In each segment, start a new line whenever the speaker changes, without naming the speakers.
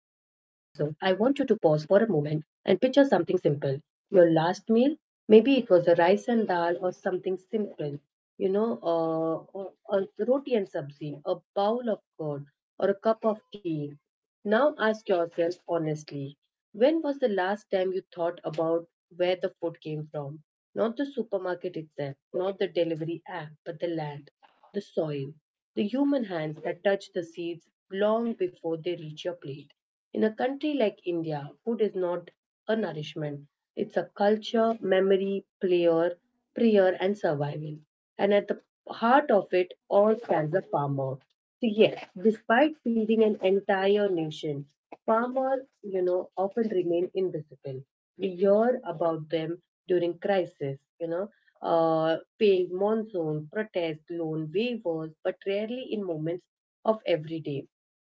want you to pause for a moment and picture something simple. Your last meal, maybe it was a rice and dal or something simple, or roti and sabzi, a bowl of curd, or a cup of tea. Now ask yourself honestly when was the last time you thought about where the food came from? Not the supermarket itself, not the delivery app, but the land, the soil, the human hands that touch the seeds long before they reach your plate. In a country like India, food is not a nourishment, it's a culture, memory, player, prayer, and survival and at the heart of it all stands a farmer. So yes, despite feeding an entire nation, farmers, you know, often remain invisible. We hear about them during crisis, paying monsoon, protest, loan waivers, but rarely in moments of everyday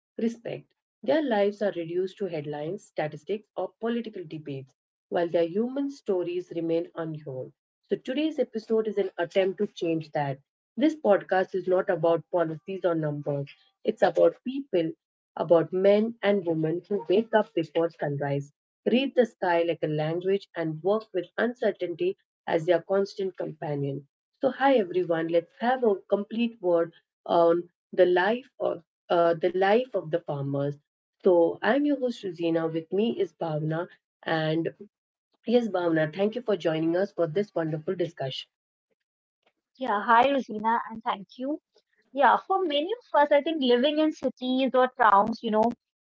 respect. Their lives are reduced to headlines, statistics, or political debates, while their human stories remain unheard. So, today's episode is an attempt to change that. This podcast is not about policies or numbers, it's about people, about men and women who wake up before sunrise, read the sky like a language, and work with uncertainty as their constant companion. So, hi everyone, let's have a complete word on the life of The Life of the Farmers. So, I'm your host, Rosina. With me is Bhavna. And yes, Bhavna, thank you for joining us for this wonderful discussion.
Yeah, hi Rosina, and thank you. Yeah, for many of us, I think living in cities or towns,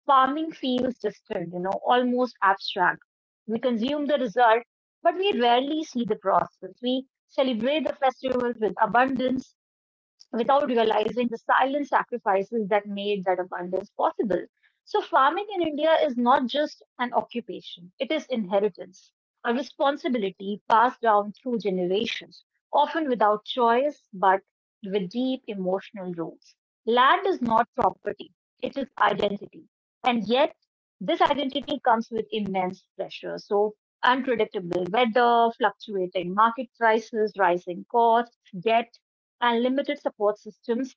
farming feels distant, almost abstract. We consume the result, but we rarely see the process. We celebrate the festivals with abundance, without realizing the silent sacrifices that made that abundance possible. So, farming in India is not just an occupation, it is inheritance, a responsibility passed down through generations, often without choice but with deep emotional roots. Land is not property, it is identity. And yet, this identity comes with immense pressure. So, unpredictable weather, fluctuating market prices, rising costs, debt, and limited support systems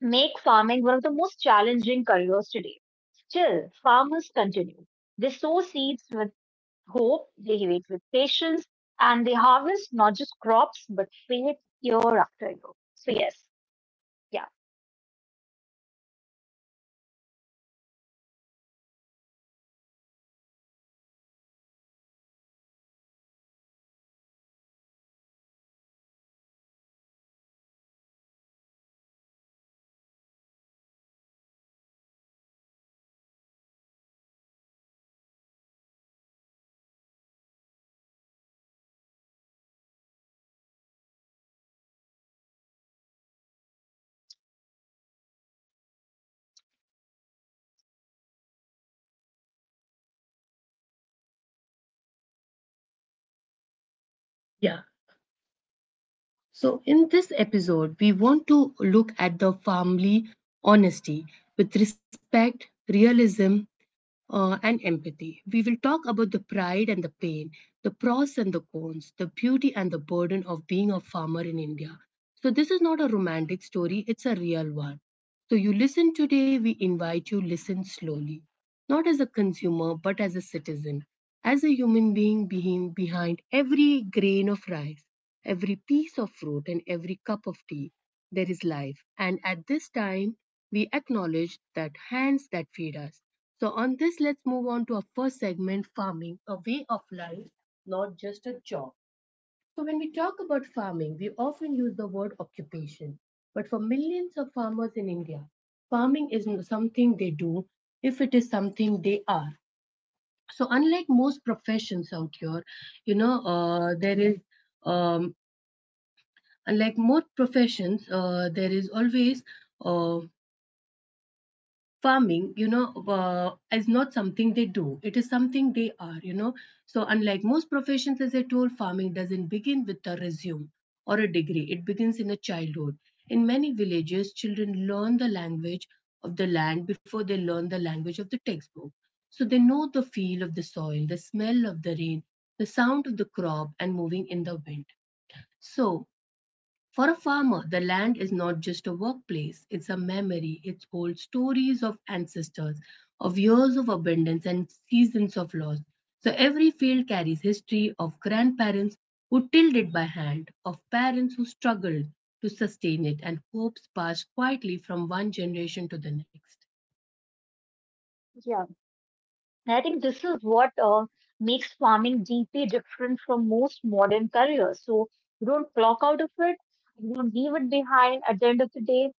make farming one of the most challenging careers today. Still, farmers continue. They sow seeds with hope, they wait with patience, and they harvest not just crops but faith year after year. So, yes, yeah,
Yeah. So, in this episode, we want to look at the family honesty with respect, realism, and empathy. We will talk about the pride and the pain, the pros and the cons, the beauty and the burden of being a farmer in India. So, this is not a romantic story, it's a real one. So, you listen today, we invite you listen slowly not as a consumer, but as a citizen, as a human being behind every grain of rice, every piece of fruit, and every cup of tea. There is life. And at this time, we acknowledge that hands that feed us. So, on this, let's move on to our first segment farming, a way of life, not just a job. So, when we talk about farming, we often use the word occupation. But for millions of farmers in India, farming isn't something they do, if it is something they are. So, unlike most professions out here, you know, there is, um, unlike most professions, there is always, uh, farming you know is not something they do it is something they are. So unlike most professions as I told, farming doesn't begin with a resume or a degree, it begins in a childhood. In many villages children learn the language of the land before they learn the language of the textbook. So they know the feel of the soil, the smell of the rain, the sound of the crop and moving in the wind. So for a farmer, the land is not just a workplace, it's a memory. It holds stories of ancestors, of years of abundance, and seasons of loss. So every field carries history of grandparents who tilled it by hand, of parents who struggled to sustain it, and hopes passed quietly from one generation to the next.
yeah. And I think this is what makes farming deeply different from most modern careers. So, you don't clock out of it, you don't leave it behind at the end of the day.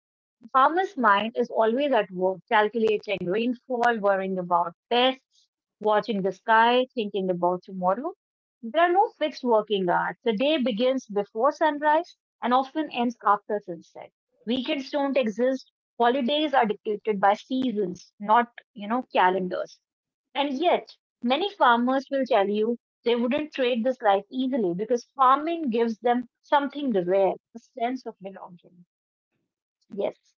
Farmer's mind is always at work, calculating rainfall, worrying about pests, watching the sky, thinking about tomorrow. There are no fixed working hours. The day begins before sunrise and often ends after sunset. Weekends don't exist. Holidays are dictated by seasons, not, calendars. And yet, many farmers will tell you they wouldn't trade this life easily because farming gives them something rare, a sense of belonging. Yes.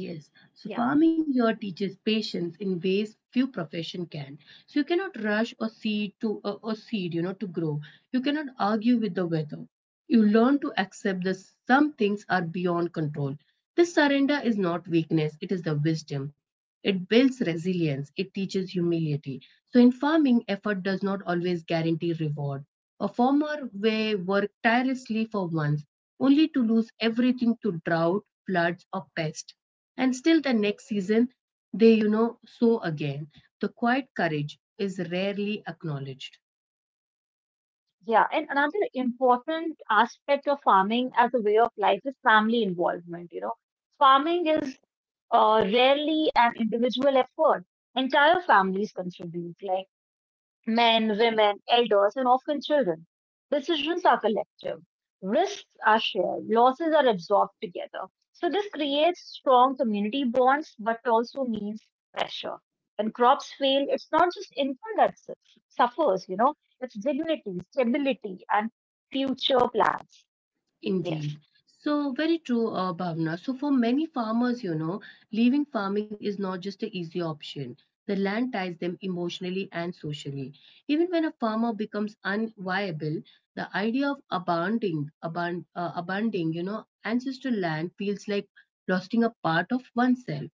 Yes, so
Yeah.
farming here teaches patience in ways few profession can. So you cannot rush a seed to a seed, you know, to grow. You cannot argue with the weather. You learn to accept that some things are beyond control. This surrender is not weakness; it is the wisdom. It builds resilience. It teaches humility. So in farming, effort does not always guarantee reward. A farmer may work tirelessly for once, only to lose everything to drought, floods, or pest. And still the next season, they sow again. The quiet courage is rarely acknowledged.
Yeah, and another important aspect of farming as a way of life is family involvement. You know, farming is rarely an individual effort. Entire families contribute, like men, women, elders, and often children. Decisions are collective. Risks are shared. Losses are absorbed together. So this creates strong community bonds, but also means pressure. When crops fail, it's not just income that suffers, it's dignity, stability, and future plans.
Indeed.
Yes.
So, very true, Bhavna. So, for many farmers, you know, leaving farming is not just an easy option. The land ties them emotionally and socially. Even when a farmer becomes unviable, the idea of abandoning, you know, ancestral land feels like losing a part of oneself.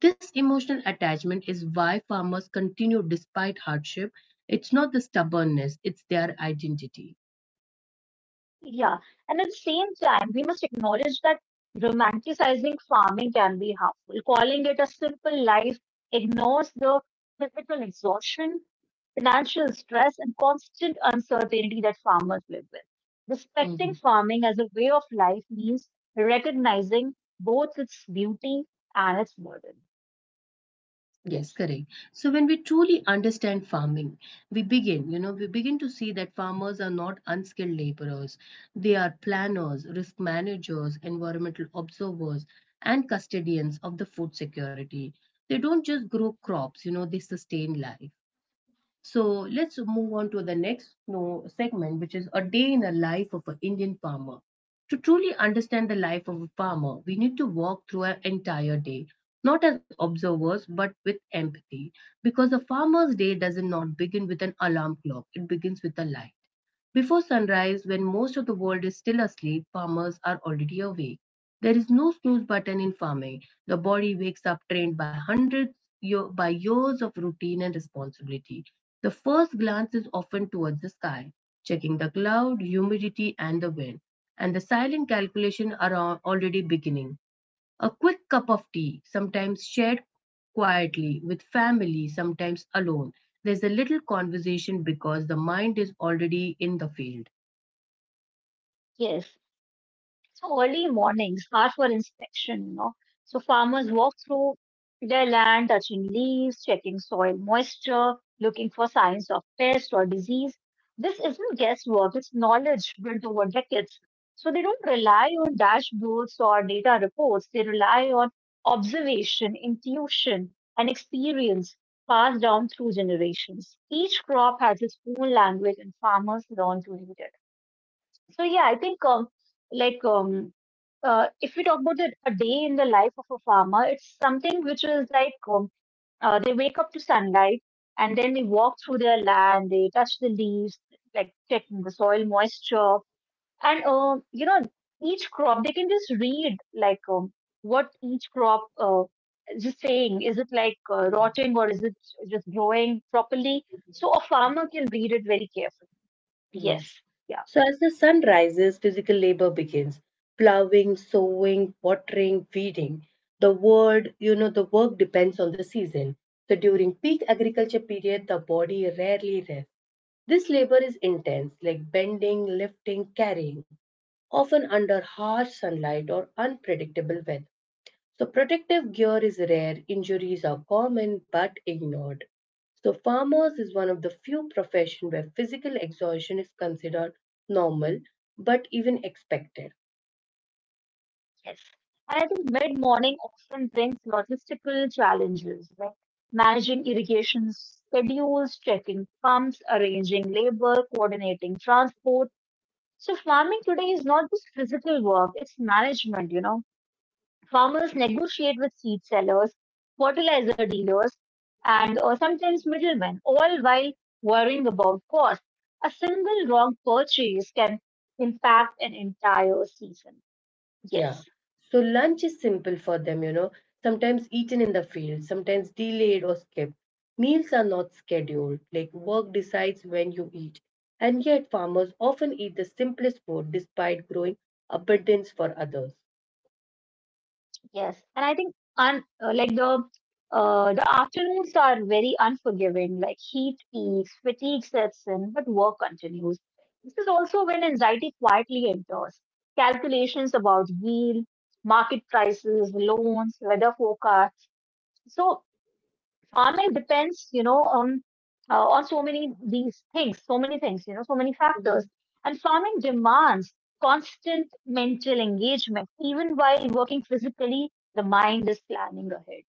This emotional attachment is why farmers continue despite hardship. It's not the stubbornness, it's their identity.
Yeah. And at the same time, we must acknowledge that romanticizing farming can be harmful. Calling it a simple life ignores the physical exhaustion, financial stress, and constant uncertainty that farmers live with. Respecting
Mhm.
farming as a way of life means recognizing both its beauty and its burden.
Yes,
Yes,
correct. So when we truly understand farming, we begin to see that farmers are not unskilled laborers. They are planners, risk managers, environmental observers, and custodians of the food security. They don't just grow crops, you know, they sustain life. So let's move on to the next no, segment, which is a day in the life of an Indian farmer. To truly understand the life of a farmer, we need to walk through an entire day, not as observers, but with empathy. Because a farmer's day does not begin with an alarm clock, it begins with a life. Before sunrise, when most of the world is still asleep, farmers are already awake. There is no snooze button in farming. The body wakes up trained by years of routine and responsibility. The first glance is often towards the sky, checking the cloud, humidity, and the wind. And the silent calculation are already beginning. A quick cup of tea, sometimes shared quietly with family, sometimes alone. There's a little conversation because the mind is already in the field.
yes. So early mornings are for inspection. So farmers walk through their land, touching leaves, checking soil moisture, looking for signs of pest or disease. This isn't guesswork, it's knowledge built over decades. So they don't rely on dashboards or data reports, they rely on observation, intuition, and experience passed down through generations. Each crop has its own language, and farmers learn to read it. So yeah, I think like um, if we talk about a day in the life of a farmer, it's something which is like they wake up to sunlight and then they walk through their land, they touch the leaves, like checking the soil moisture, and you know, each crop they can just read, like what each crop is just saying. Is it like rotting or is it just growing properly? So a farmer can read it very carefully. Yes.
Yes.
Yeah.
So as the sun rises, physical labor begins. Plowing, sowing, watering, weeding. The word, you know, The work depends on the season. So during peak agriculture period, the body rarely rests. This labor is intense, like bending, lifting, carrying, often under harsh sunlight or unpredictable weather. So protective gear is rare, injuries are common but ignored. So farmers is one of the few profession where physical exhaustion is considered normal but even expected.
Yes. And I think mid-morning often brings logistical challenges like managing irrigation schedules, checking pumps, arranging labor, coordinating transport. So farming today is not just physical work, it's management. Farmers negotiate with seed sellers, fertilizer dealers, and or sometimes middlemen, all while worrying about cost. A single wrong purchase can impact an entire season. Yes.
Yeah. So lunch is simple for them, you know, sometimes eaten in the field, sometimes delayed or skipped. Meals are not scheduled, like work decides when you eat. And yet farmers often eat the simplest food despite growing abundance for others.
Yes, and I think un like the afternoons are very unforgiving. Like heat peaks, fatigue sets in, but work continues. This is also when anxiety quietly enters. Calculations about yield, market prices, loans, weather forecasts. So farming depends, on so many things, so many factors. And farming demands constant mental engagement, even while working physically. The mind is planning ahead.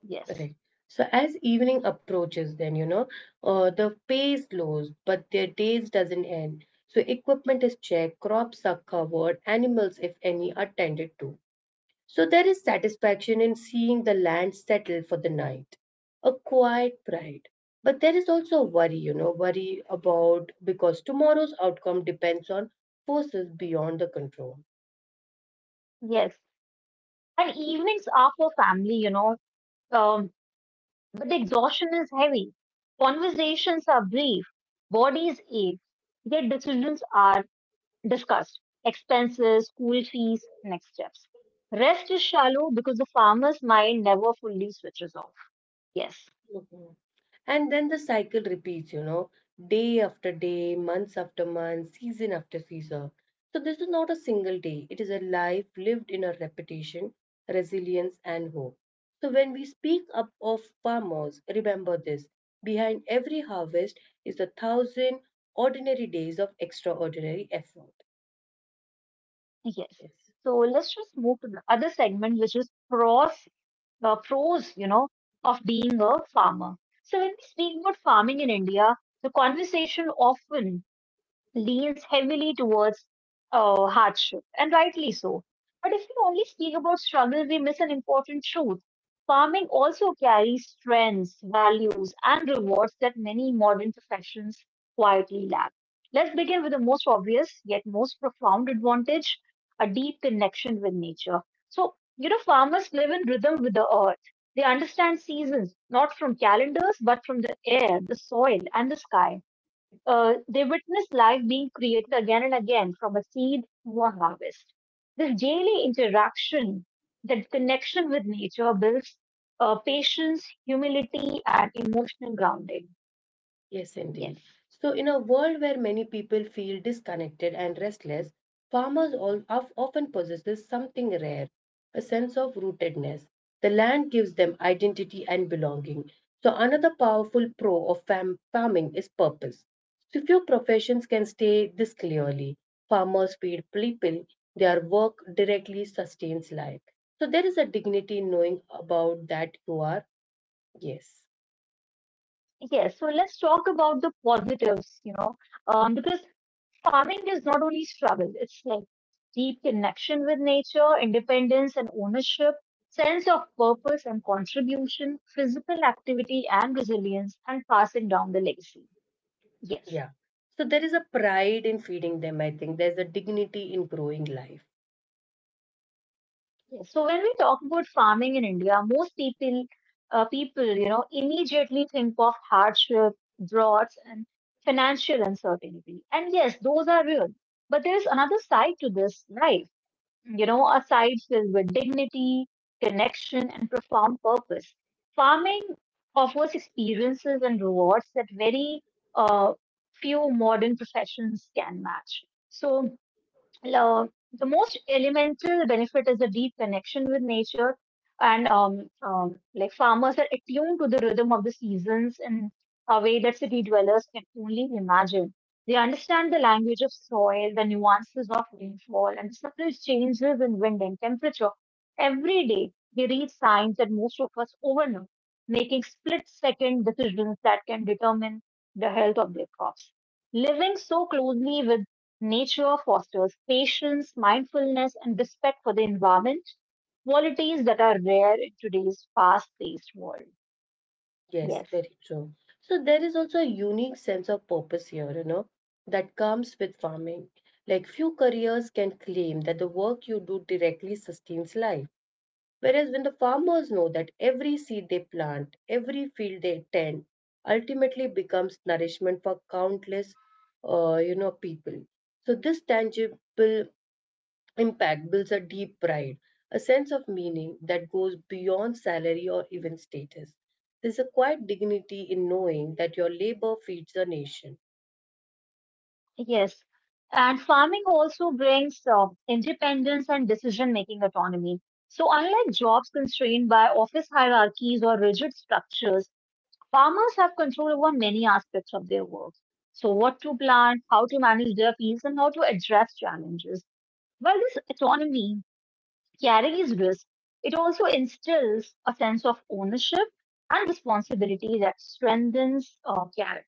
Yes,
Correct. So as evening approaches, then the pay slows, but their days doesn't end. So equipment is checked, crops are covered, animals, if any, are tended to. So there is satisfaction in seeing the land settle for the night, a quiet pride. But there is also worry, you know, worry about because tomorrow's outcome depends on forces beyond the control.
yes. And evenings are for family, um, but the exhaustion is heavy. Conversations are brief. Bodies ache. Yet decisions are discussed: expenses, school fees, next steps. Rest is shallow because the farmer's mind never fully switches off. Yes,
And then the cycle repeats, you know, day after day, months after month, season after season. So this is not a single day. It is a life lived in a repetition, resilience, and hope. So when we speak up of farmers, remember this. Behind every harvest is a thousand ordinary days of extraordinary effort.
yes.
Yes.
So let's just move to the other segment, which is pros, uh, pros, you know, of being a farmer. So when we speak about farming in India, the conversation often leans heavily towards hardship, and rightly so. But if we only speak about struggle, we miss an important truth. Farming also carries strengths, values, and rewards that many modern professions quietly lack. Let's begin with the most obvious yet most profound advantage: a deep connection with nature. So, you know, farmers live in rhythm with the earth. They understand seasons, not from calendars, but from the air, the soil, and the sky. They witness life being created again and again from a seed to a harvest. This daily interaction, that connection with nature builds patience, humility, and emotional grounding.
Yes,
Yes.
indeed. So, in a world where many people feel disconnected and restless, farmers often possesses something rare, a sense of rootedness. The land gives them identity and belonging. So, another powerful pro of farming is purpose. So, few professions can stay this clearly. Farmers feed people; their work directly sustains life. So, there is a dignity in knowing about that you are. Yes.
Yes. So let's talk about the positives, because farming is not only struggle, it's like deep connection with nature, independence and ownership, sense of purpose and contribution, physical activity and resilience, and passing down the legacy. Yes.
Yeah. So there is a pride in feeding them, I think. There's a dignity in growing life.
Yes. So when we talk about farming in India, people, immediately think of hardship, droughts, and financial uncertainty. And yes, those are real. But there is another side to this life, a side filled with dignity, connection, and profound purpose. Farming offers experiences and rewards that very uh, few modern professions can match. So the most elemental benefit is a deep connection with nature and like farmers are attuned to the rhythm of the seasons in a way that city dwellers can only imagine. They understand the language of soil, the nuances of rainfall, and the subtle changes in wind and temperature. Every day, they read signs that most of us overlook, making split second decisions that can determine the health of their crops. Living so closely with nature fosters patience, mindfulness, and respect for the environment, qualities that are rare in today's fast paced world.
Yes,
Yes,
very true. So there is also a unique sense of purpose here, you know, that comes with farming. Like few careers can claim that the work you do directly sustains life. Whereas when the farmers know that every seed they plant, every field they tend, ultimately becomes nourishment for countless people. So this tangible Impact builds a deep pride, a sense of meaning that goes beyond salary or even status. There's a quiet dignity in knowing that your labor feeds a nation.
yes. And farming also brings independence and decision making autonomy. So, unlike jobs constrained by office hierarchies or rigid structures, farmers have control over many aspects of their work. So, what to plant, how to manage their fields, and how to address challenges. Well, this autonomy carries risk, it also instills a sense of ownership and responsibility that strengthens character.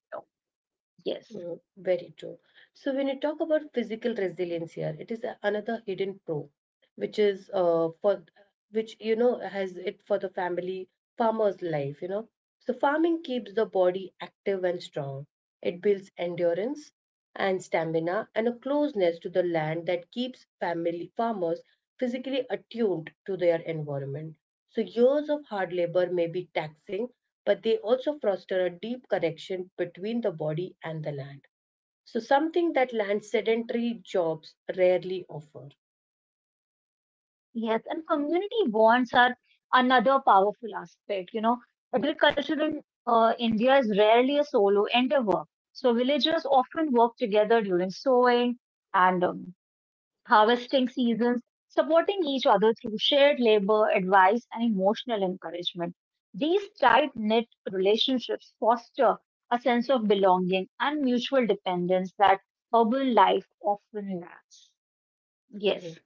Yes,
Mm, very true. So, when you talk about physical resilience here, it is another hidden pro, which is for which you know has it for the family farmer's life you know. So farming keeps the body active and strong, it builds endurance and stamina and a closeness to the land that keeps family farmers physically attuned to their environment. So years of hard labor may be taxing, but they also foster a deep connection between the body and the land, so something that land sedentary jobs rarely offer.
yes, and community bonds are another powerful aspect. You know, agriculture in India is rarely a solo endeavor, so villagers often work together during sowing and harvesting seasons, supporting each other through shared labor, advice, and emotional encouragement. These tight knit relationships foster a sense of belonging and mutual dependence that urban life often lacks.
Mhm.
Yes.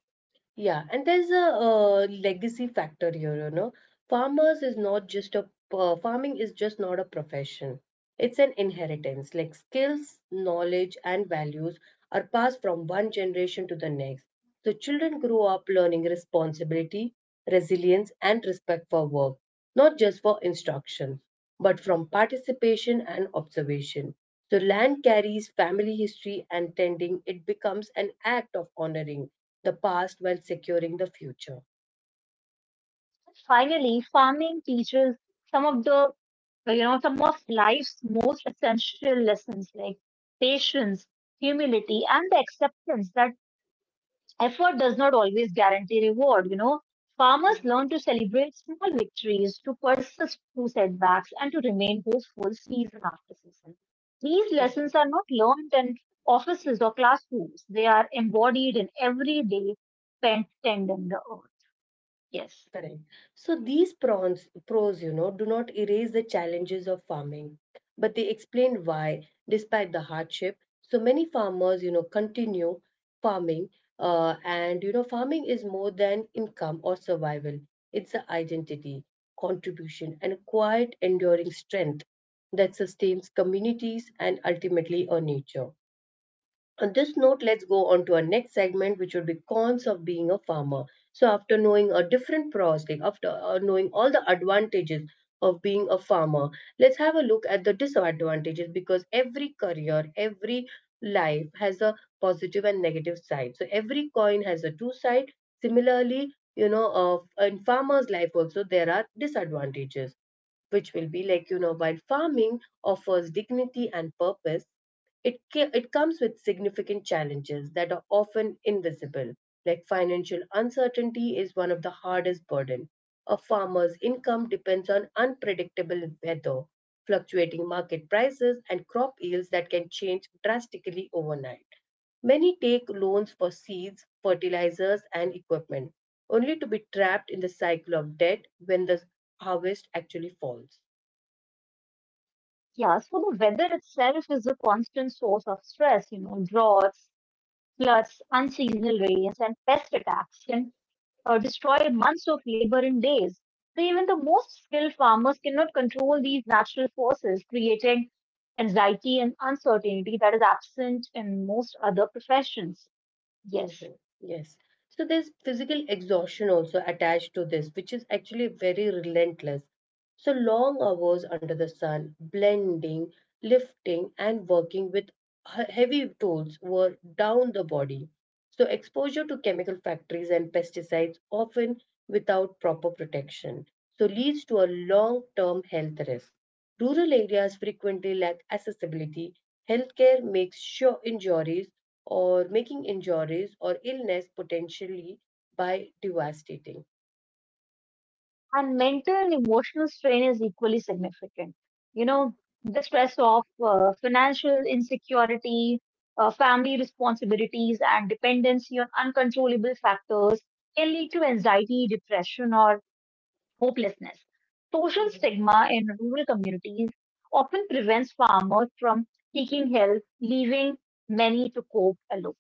Yeah, and there's a legacy factor here, you know. Farmers is not just a Farming is just not a profession. It's an inheritance. Like skills, knowledge, and values are passed from one generation to the next. So children grow up learning responsibility, resilience, and respect for work, not just for instruction, but from participation and observation. So, land carries family history and tending it becomes an act of honoring the past while securing the future.
Finally, farming teaches some of the, you know, some of life's most essential lessons like patience, humility, and the acceptance that effort does not always guarantee reward, you know. Farmers learn to celebrate small victories, to persist through setbacks, and to remain hopeful season after season. These lessons are not learned in offices or classrooms. They are embodied in every day spent tending the earth. Yes.
Correct. So these pros, you know, do not erase the challenges of farming, but they explain why, despite the hardship, so many farmers, you know, continue farming. Farming is more than income or survival. It's the identity, contribution, and a quiet, enduring strength that sustains communities and ultimately our nature. On this note, let's go on to our next segment, which would be cons of being a farmer. So, after knowing a different pros, like after knowing all the advantages of being a farmer, let's have a look at the disadvantages because every career, every life has a positive and negative side. So, every coin has a two side. Similarly, in farmer's life also, there are disadvantages which will be like, you know, while farming offers dignity and purpose, it comes with significant challenges that are often invisible, like financial uncertainty is one of the hardest burden. A farmer's income depends on unpredictable weather, fluctuating market prices, and crop yields that can change drastically overnight. Many take loans for seeds, fertilizers, and equipment, only to be trapped in the cycle of debt when the harvest actually falls.
Yeah, so the weather itself is a constant source of stress, droughts, floods, unseasonal rains, and pest attacks can destroy months of labor in days. So even the most skilled farmers cannot control these natural forces, creating anxiety and uncertainty that is absent in most other professions. Yes.
Mhm. Yes. So there's physical exhaustion also attached to this, which is actually very relentless. So long hours under the sun, blending, lifting, and working with heavy tools were down the body. So exposure to chemical factories and pesticides, often without proper protection, so leads to a long-term health risk. Rural areas frequently lack accessibility. Healthcare makes sure injuries or making injuries or illness potentially by devastating.
And mental and emotional strain is equally significant. You know, the stress of financial insecurity, family responsibilities, and dependency on uncontrollable factors can lead to anxiety, depression, or hopelessness. Social
Mhm,
stigma in rural communities often prevents farmers from seeking help, leaving many to cope alone.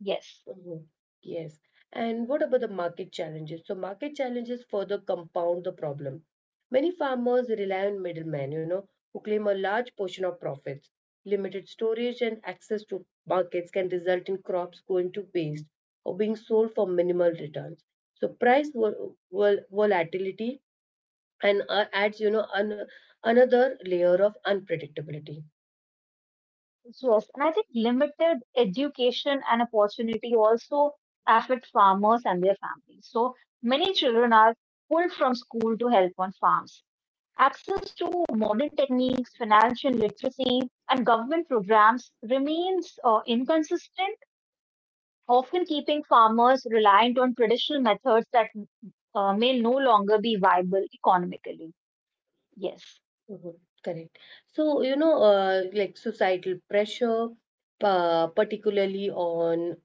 Yes.
mhm. Yes. And what about the market challenges? So market challenges further compound the problem. Many farmers rely on middlemen, you know, who claim a large portion of profits. Limited storage and access to markets can result in crops going to waste or being sold for minimal returns. So price volatility and adds, you know, another layer of unpredictability.
Yes, and I think limited education and opportunity also affect farmers and their families. So many children are pulled from school to help on farms. Access to modern techniques, financial literacy, and government programs remains inconsistent, often keeping farmers reliant on traditional methods that may no longer be viable economically. Yes.
Mhm, correct. So, you know, like societal pressure, particularly on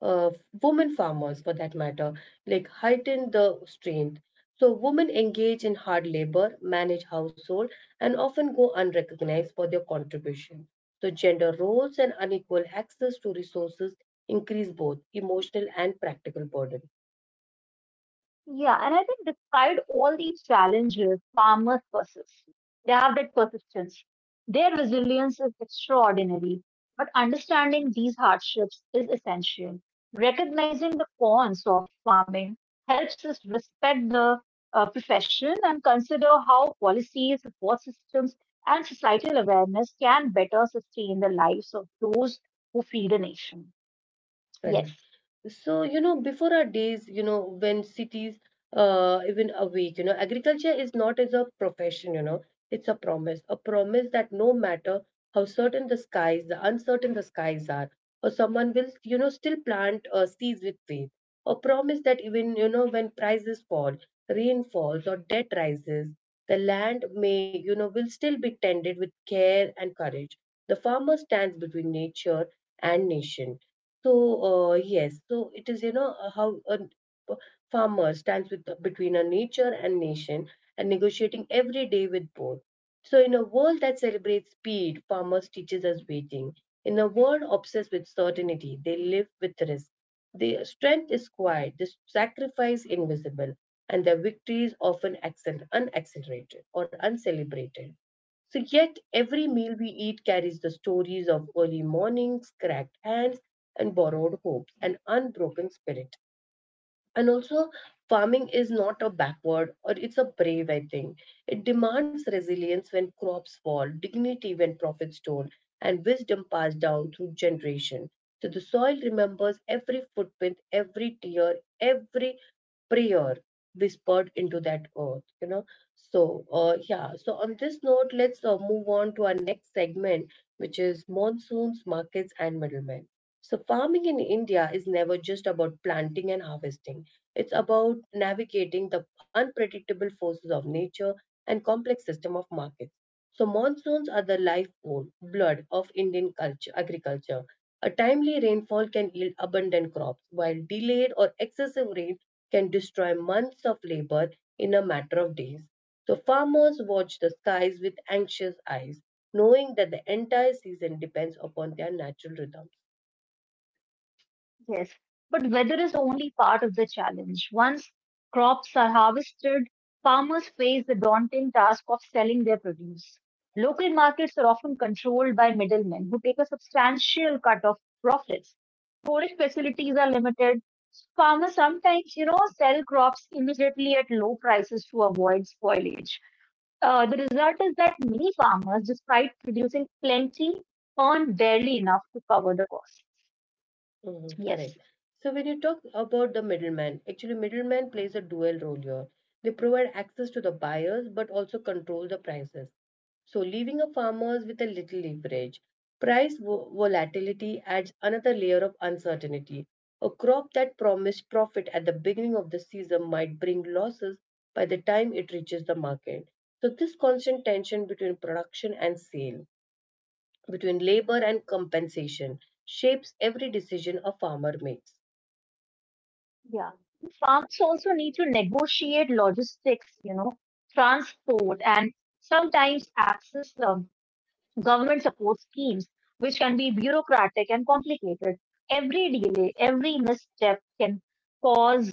uh, women farmers for that matter, like heighten the strain. So women engage in hard labor, manage household, and often go unrecognized for their contribution. So gender roles and unequal access to resources increase both emotional and practical burden.
Yeah, and I think despite all these challenges, farmers persist. They have that persistence. Their resilience is extraordinary. But understanding these hardships is essential. Recognizing the cons of farming helps us respect the profession and consider how policies, support systems, and societal awareness can better sustain the lives of those who feed a nation.
Correct.
Yes.
So, you know, before our days, you know, when cities even awake, you know, agriculture is not as a profession, you know, it's a promise that no matter how certain the skies, the uncertain the skies are, or someone will, you know, still plant seeds with faith, a promise that even, you know, when prices fall, rain falls, or debt rises, the land may, you know, will still be tended with care and courage. The farmer stands between nature and nation. So, yes, so it is, you know, how farmer stands with, between a nature and nation, and negotiating every day with both. So, in a world that celebrates speed, farmers teaches us waiting. In a world obsessed with certainty, they live with risk. Their strength is quiet, the sacrifice invisible, and their victories often unaccelerated or uncelebrated. So, yet every meal we eat carries the stories of early mornings, cracked hands, and borrowed hopes, an unbroken spirit. And also, farming is not a backward or it's a brave, I think. It demands resilience when crops fall, dignity when profits don't, and wisdom passed down through generation. So the soil remembers every footprint, every tear, every prayer whispered into that earth, you know. So yeah, so on this note let's move on to our next segment, which is monsoons, markets and middlemen. So farming in India is never just about planting and harvesting. It's about navigating the unpredictable forces of nature and complex system of markets. So monsoons are the lifeblood blood of Indian culture agriculture. A timely rainfall can yield abundant crops, while delayed or excessive rain can destroy months of labor in a matter of days. So farmers watch the skies with anxious eyes, knowing that the entire season depends upon their natural rhythms.
Yes, but weather is only part of the challenge. Once crops are harvested, farmers face the daunting task of selling their produce. Local markets are often controlled by middlemen who take a substantial cut of profits. Storage facilities are limited. Farmers sometimes, sell crops immediately at low prices to avoid spoilage. The result is that many farmers, despite producing plenty, earn barely enough to cover the cost.
Mhm, correct.
Yes.
So when you talk about the middleman, actually middleman plays a dual role here. They provide access to the buyers but also control the prices. So leaving a farmers with a little leverage. Price volatility adds another layer of uncertainty. A crop that promised profit at the beginning of the season might bring losses by the time it reaches the market. So this constant tension between production and sale, between labor and compensation, shapes every decision a farmer makes.
Yeah. Farms also need to negotiate logistics, you know, transport, and sometimes access government support schemes, which can be bureaucratic and complicated. Every delay, every misstep can cause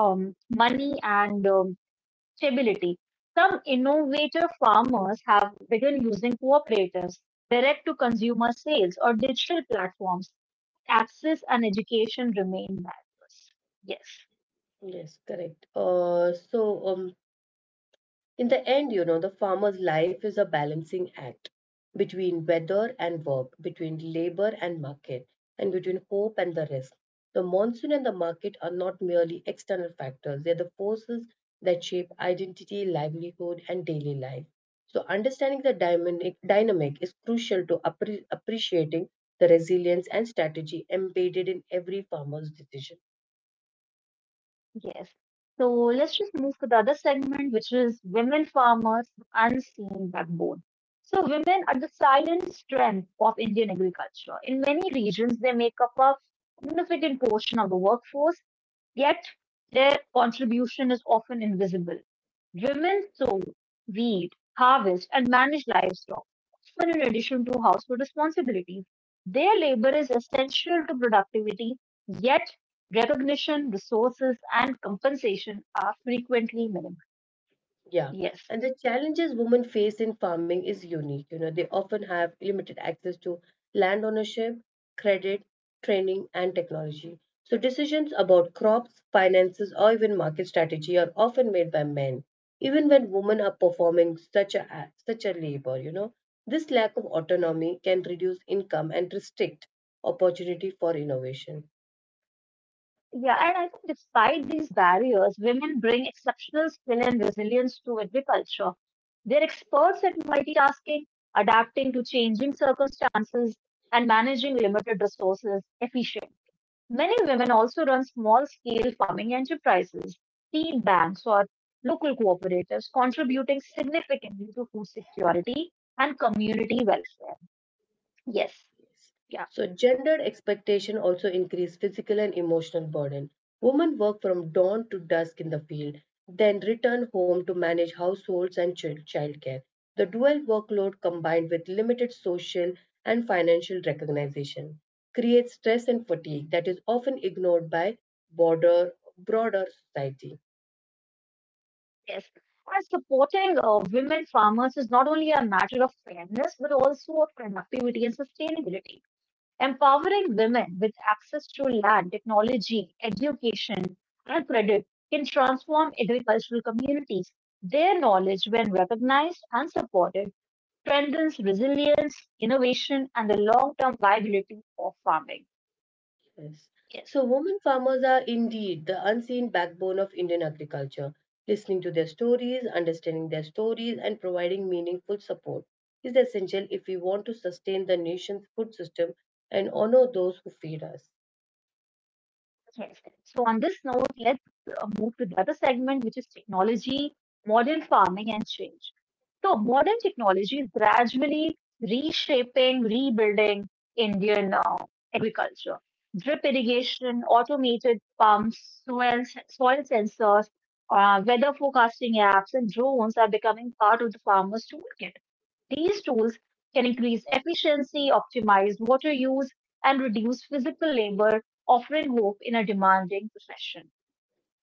money and stability. Some innovative farmers have begun using cooperatives, direct to consumer sales, or digital platforms. Access and education remain barriers. Yes.
Yes, correct. In the end, you know, the farmer's life is a balancing act between weather and work, between labor and market, and between hope and the risk. The monsoon and the market are not merely external factors, they are the forces that shape identity, livelihood, and daily life. So, understanding the dynamic is crucial to appreciating the resilience and strategy embedded in every farmer's decision.
Yes. So let's just move to the other segment, which is women farmers, the unseen backbone. So women are the silent strength of Indian agriculture. In many regions, they make up a significant portion of the workforce, yet their contribution is often invisible. Women sow, weed, harvest, and manage livestock, often in addition to household responsibilities. Their labor is essential to productivity, yet recognition, resources, and compensation are frequently minimal.
Yeah.
Yes.
And the challenges women face in farming is unique. You know, they often have limited access to land ownership, credit, training, and technology. So decisions about crops, finances, or even market strategy are often made by men, even when women are performing such a labor, you know. This lack of autonomy can reduce income and restrict opportunity for innovation.
Yeah, and I think despite these barriers, women bring exceptional skill and resilience to agriculture. They're experts at multitasking, adapting to changing circumstances, and managing limited resources efficiently. Many women also run small scale farming enterprises, seed banks, or local cooperatives, contributing significantly to food security and community welfare. Yes,
Families.
yeah,
So, gendered expectation also increase physical and emotional burden. Women work from dawn to dusk in the field, then return home to manage households and childcare. The dual workload combined with limited social and financial recognition creates stress and fatigue that is often ignored by broader, broader society.
yes. And supporting women farmers is not only a matter of fairness, but also of productivity and sustainability. Empowering women with access to land, technology, education, and credit can transform agricultural communities. Their knowledge, when recognized and supported, strengthens resilience, innovation, and the long-term viability of farming.
Yes.
Yes.
So, women farmers are indeed the unseen backbone of Indian agriculture. Listening to their stories, understanding their stories, and providing meaningful support is essential if we want to sustain the nation's food system and honor those who feed us.
Yes. So on this note, let's move to the other segment, which is technology, modern farming, and change. So modern technology is gradually reshaping, rebuilding Indian agriculture. Drip irrigation, automated pumps, soil sensors, weather forecasting apps, and drones are becoming part of the farmer's toolkit. These tools can increase efficiency, optimize water use, and reduce physical labor, offering hope in a demanding profession.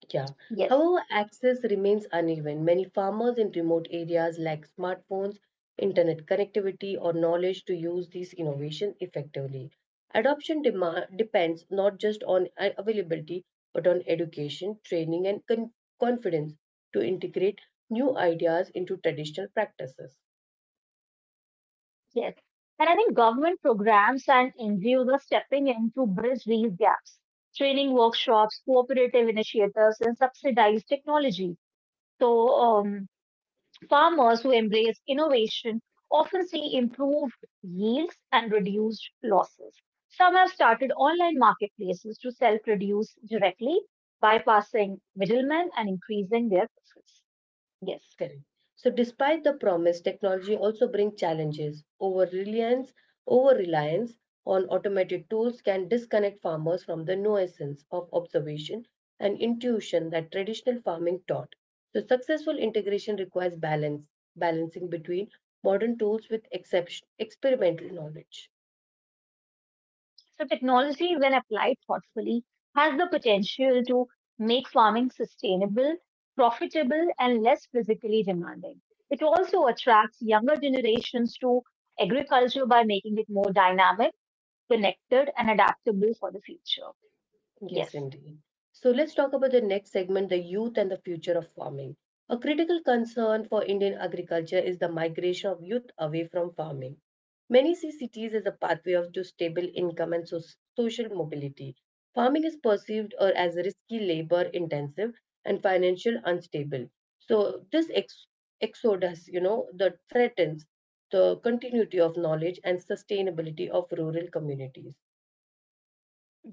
Yeah.
Yes,
However, access remains uneven. Many farmers in remote areas lack smartphones, internet connectivity, or knowledge to use these innovations effectively. Adoption demand depends not just on availability, but on education, training, and confidence to integrate new ideas into traditional practices.
yes. And I think government programs and NGOs are stepping in to bridge these gaps. Training workshops, cooperative initiatives, and subsidized technology. So, um, farmers who embrace innovation often see improved yields and reduced losses. Some have started online marketplaces to self produce directly, bypassing middlemen and increasing their profits. Yes.
Correct. So, despite the promise, technology also brings challenges. Over reliance on automated tools can disconnect farmers from the nuisance of observation and intuition that traditional farming taught. So, successful integration requires balance, balancing between modern tools with exception, experimental knowledge.
So, technology, when applied thoughtfully, has the potential to make farming sustainable, profitable, and less physically demanding. It also attracts younger generations to agriculture by making it more dynamic connected, and adaptable for the future.
Yes,
Yes,
indeed. So let's talk about the next segment, the youth and the future of farming. A critical concern for Indian agriculture is the migration of youth away from farming. Many see cities as a to stable income and social mobility. Farming is perceived or as risky, labor intensive, and financial unstable. So this exodus, you know, that threatens the continuity of knowledge and sustainability of rural communities.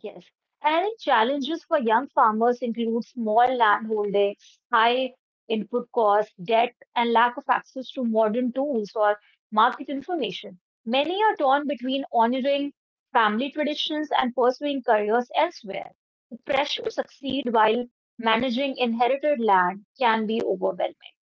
yes. And challenges for young farmers include small land holdings, high input costs, debt, and lack of access to modern tools or market information. Many are torn between honoring family traditions and pursuing careers elsewhere. Pressure to succeed while managing inherited land can be overwhelming.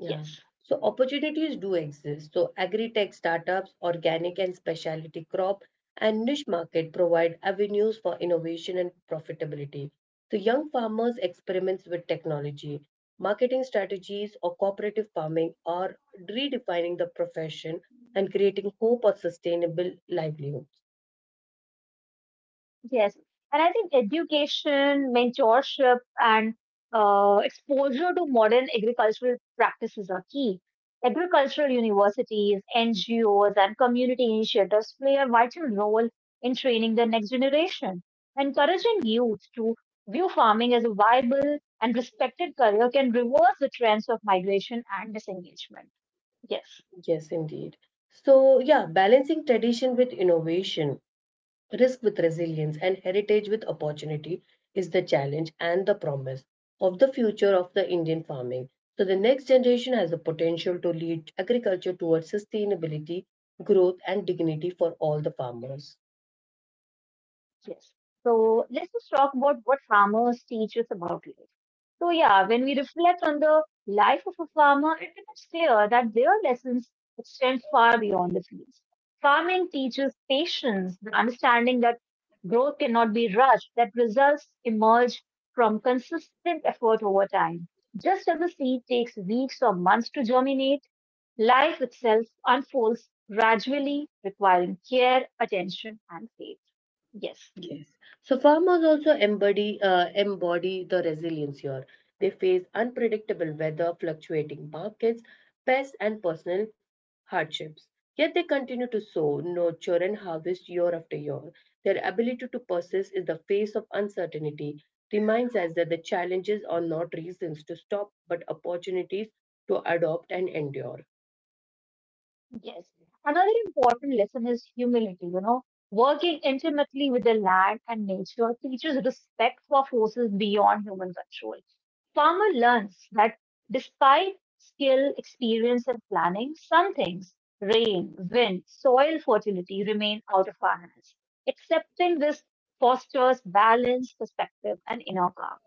Yeah.
Yes.
So opportunities do exist. So agri-tech startups, organic and specialty crop, and niche market provide avenues for innovation and profitability. So young farmers experiments with technology, marketing strategies, or cooperative farming are redefining the profession and creating hope or sustainable livelihoods.
Yes, and I think education, mentorship, and exposure to modern agricultural practices are key. Agricultural universities, NGOs, and community initiatives play a vital role in training the next generation. Encouraging youth to view farming as a viable and respected career can reverse the trends of migration and disengagement. Yes,
Yes, indeed. So yeah, balancing tradition with innovation. Risk with resilience and heritage with opportunity is the challenge and the promise of the future of the Indian farming. So the next generation has the potential to lead agriculture towards sustainability, growth and dignity for all the farmers.
yes. So let's just talk about what farmers teach us about life. So, yeah, when we reflect on the life of a farmer, it becomes clear that their lessons extend far beyond the field. Farming teaches patience, the understanding that growth cannot be rushed, that results emerge from consistent effort over time. Just as a seed takes weeks or months to germinate, life itself unfolds gradually, requiring care, attention, and faith. Yes.
Yes. So farmers also embody the resilience here. They face unpredictable weather, fluctuating markets, pests, and personal hardships. Yet they continue to sow, nurture, and harvest year after year. Their ability to persist in the face of uncertainty reminds us that the challenges are not reasons to stop, but opportunities to adopt and endure.
Yes. Another important lesson is humility, you know. Working intimately with the land and nature teaches respect for forces beyond human control. Farmer learns that despite skill, experience, and planning, some things, rain, wind, soil fertility, remain out of our hands. Accepting this fosters balance, perspective, and inner calm.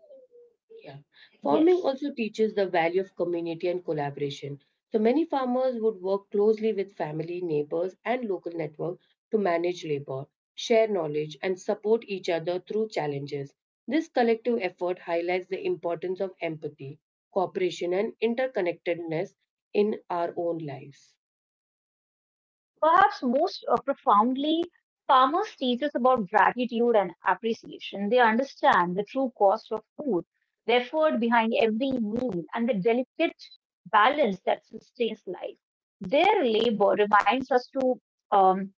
Yeah. Farming
Yes.
also teaches the value of community and collaboration. So many farmers would work closely with family, neighbors, and local network to manage labor, share knowledge, and support each other through challenges. This collective effort highlights the importance of empathy, cooperation, and interconnectedness in our own lives.
Perhaps most profoundly, farmers teach us about gratitude and appreciation. They understand the true cost of food, the effort behind every meal, and the delicate balance that sustains life. Their labor reminds us to um,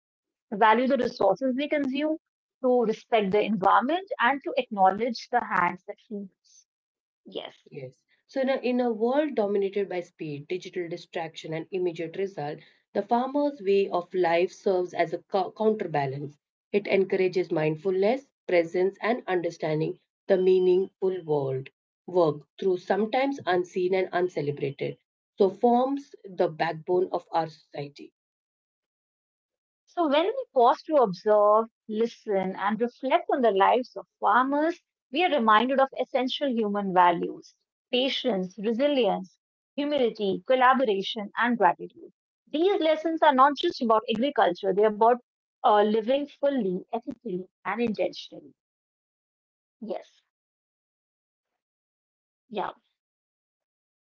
value the resources we consume, to respect the environment, and to acknowledge the hands that feed us. Yes.
Yes. So, in a world dominated by speed, digital distraction, and immediate result, the farmer's way of life serves as a counterbalance. It encourages mindfulness, presence, and understanding the meaningful world work through sometimes unseen and uncelebrated. So, forms the backbone of our society.
So, when we pause to observe, listen, and reflect on the lives of farmers, we are reminded of essential human values patience, resilience, humility, collaboration, and gratitude. These lessons are not just about agriculture, they're about living fully, ethically, and intentionally.
Yeah. So
Yes,
farming is more than feeding a nation. It's a
yeah.
metaphor for life itself.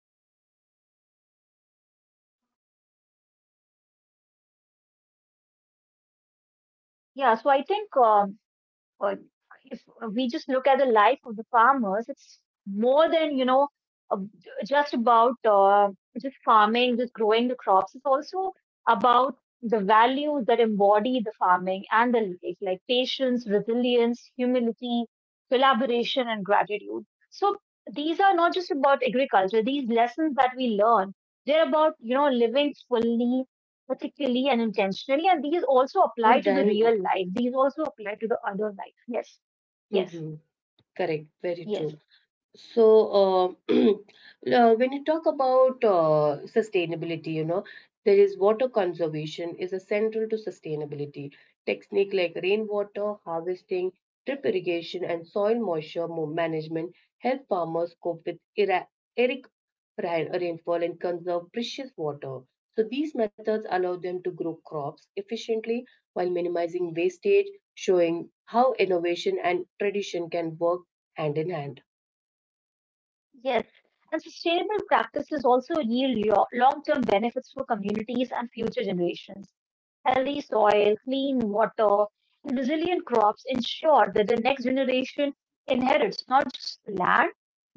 This the land teaches us the growth, care and perseverance, even in the face of hardship, lead to fulfillment.
Yeah, so I
And
think
it invites us to
uh,
carry these
if
lessons
we
into
just
our
look at
own
the
lives
life of
no
the
matter
farmers,
where we
it's
live
more
or
than you
what we
know
do.
uh, just about just farming, just growing the crops. It's also about the
So yeah.
values that
So let's also
embody the
talk about the
farming and the life,
sustainable
like
uh, farming
patience,
towards
resilience,
a greener
humility,
future. So
collaboration, and
sustainable
gratitude.
farming is
So
more than you
these are
know,
not just about agriculture. These lessons that we learn, they're about you know living
more than
fully particularly and
uh, it
intentionally. And these also apply
more
to the
than uh
real life. These also apply to the other life. Yes, yes,
mhm, correct, very true.
yes,
So, when you talk about sustainability, you know, there is water conservation is a central to sustainability. Technique like rainwater harvesting, drip irrigation, and soil moisture management help farmers cope with era- eric rainfall and conserve precious water. So, these methods allow them to grow crops efficiently while minimizing wastage, showing how innovation and tradition can work hand in hand.
yes. And sustainable practices also yield long term benefits for communities and future generations. Healthy soil, clean water, and resilient crops ensure that the next generation inherits not just land,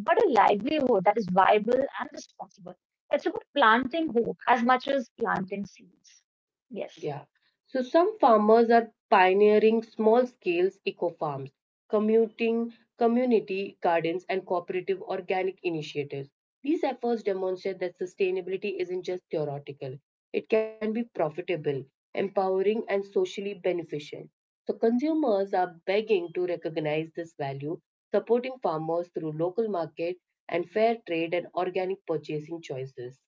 but a livelihood that is viable and responsible. It's about planting hope as much as planting seeds. Yes.
Yeah. So some farmers are pioneering small scale eco farms, commuting community gardens and cooperative organic initiatives. These efforts demonstrate that sustainability isn't just theoretical. It can be profitable, empowering and socially beneficial. So consumers are begging to recognize this value, supporting farmers through local market and fair trade and organic purchasing choices.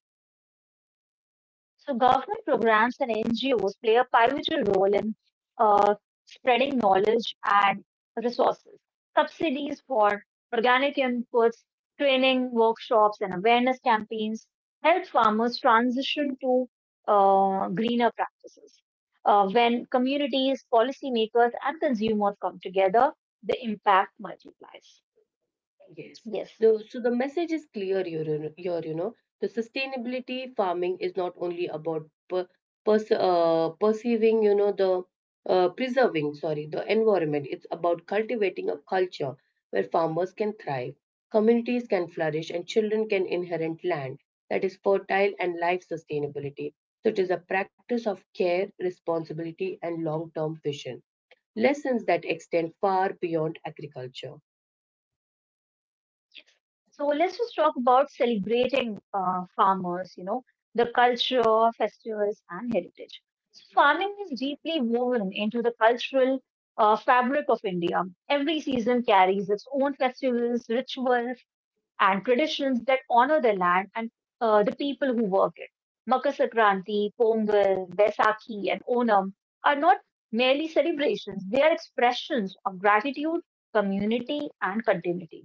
So government programs and NGOs play a pivotal role in uh, spreading knowledge and resources. Subsidies for organic inputs, training workshops, and awareness campaigns help farmers transition to greener practices. When communities, policymakers, and consumers come together, the impact multiplies.
Yes.
Yes.
So the message is clear here, you know. Here, you know. The sustainability farming is not only about per, pers- perceiving, you know, the preserving, sorry, the environment. It's about cultivating a culture where farmers can thrive, communities can flourish, and children can inherit land that is fertile and life sustainability. So it is a practice of care, responsibility, and long-term vision. Lessons that extend far beyond agriculture.
So let's just talk about celebrating farmers, you know, the culture, festivals, and heritage. So farming is deeply woven into the cultural fabric of India. Every season carries its own festivals, rituals, and traditions that honor the land and the people who work it. Makar Sankranti, Pongal, Vaisakhi, and Onam are not merely celebrations; they are expressions of gratitude, community, and continuity.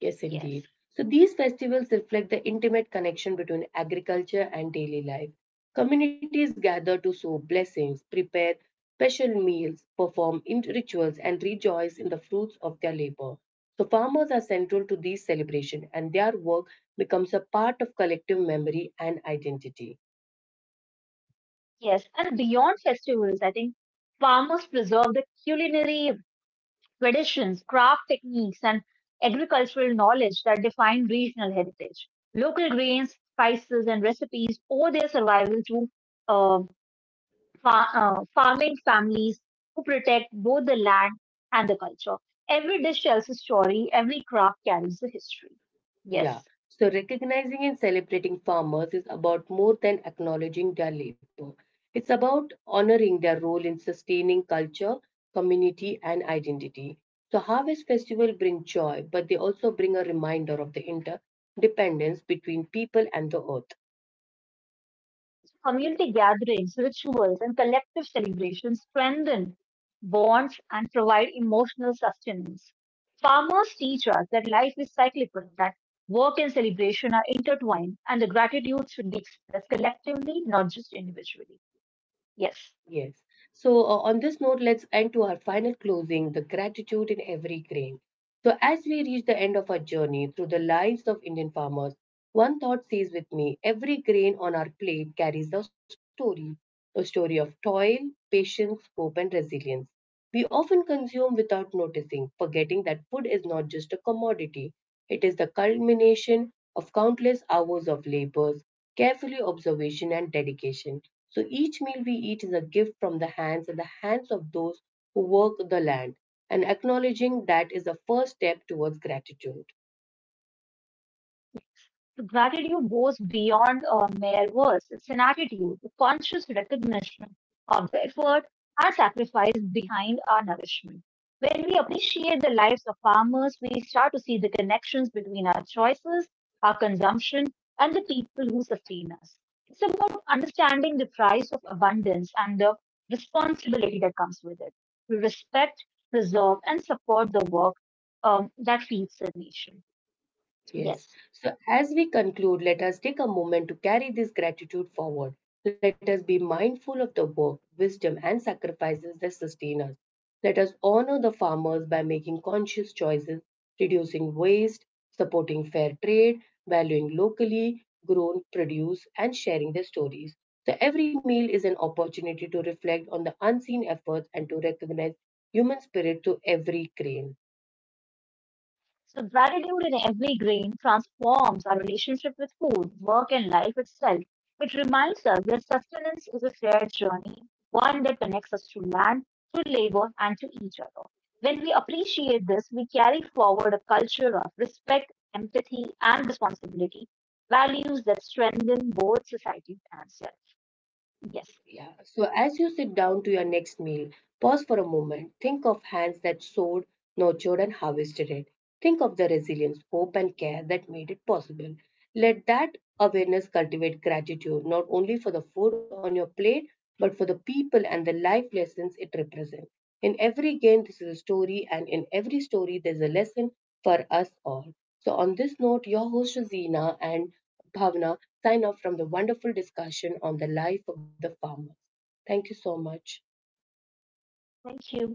Yes,
Yes.
indeed. So these festivals reflect the intimate connection between agriculture and daily life. Communities gather to sow blessings, prepare special meals, perform rituals, and rejoice in the fruits of their labor. So farmers are central to these celebrations, and their work becomes a part of collective memory and identity.
Yes, and beyond festivals, I think farmers preserve the culinary traditions, craft techniques, and agricultural knowledge that define regional heritage. Local grains, spices, and recipes owe their survival to uh, farming families who protect both the land and the culture. Every dish tells a story, every craft carries a history.
Yeah,
Yes.
so recognizing and celebrating farmers is about more than acknowledging their labor. It's about honoring their role in sustaining culture, community, and identity. So, harvest festival bring joy, but they also bring a reminder of the interdependence between people and the earth.
Community gatherings, rituals, and collective celebrations strengthen bonds and provide emotional sustenance. Farmers teach us that life is cyclical, that work and celebration are intertwined, and the gratitude should be expressed collectively, not just individually. Yes.
Yes. So, on this note, let's end to our final closing the gratitude in every grain. So, as we reach the end of our journey through the lives of Indian farmers, one thought stays with me every grain on our plate carries a story of toil, patience, hope, and resilience. We often consume without noticing, forgetting that food is not just a commodity, it is the culmination of countless hours of labor, carefully observation, and dedication. So each meal we eat is a gift from the hands and the hands of those who work the land. And acknowledging that is the first step towards gratitude.
Gratitude goes beyond mere words. It's an attitude, a conscious recognition of the effort and sacrifice behind our nourishment. When we appreciate the lives of farmers, we start to see the connections between our choices, our consumption, and the people who sustain us. It's about understanding the price of abundance and the responsibility that comes with it. We respect, preserve, and support the work that feeds the nation.
Yes.
Yes.
So, as we conclude, let us take a moment to carry this gratitude forward. Let us be mindful of the work, wisdom, and sacrifices that sustain us. Let us honor the farmers by making conscious choices, reducing waste, supporting fair trade, valuing locally grown produce, and sharing their stories. So, every meal is an opportunity to reflect on the unseen efforts and to recognize human spirit to every grain.
So gratitude in every grain transforms our relationship with food, work, and life itself. It reminds us that sustenance is a shared journey, one that connects us to land, to labor, and to each other. When we appreciate this, we carry forward a culture of respect, empathy, and responsibility, values that strengthen both society and self. Yes,
Yeah. So as you sit down to your next meal, pause for a moment. Think of hands that sowed, nurtured, and harvested it. Think of the resilience, hope, and care that made it possible. Let that awareness cultivate gratitude, not only for the food on your plate, but for the people and the life lessons it represents. In every game, this is a story, and in every story, there's a lesson for us all. So, on this note, your host, Zina and Bhavna, sign off from the wonderful discussion on the life of the farmer. Thank you so much.
thank you.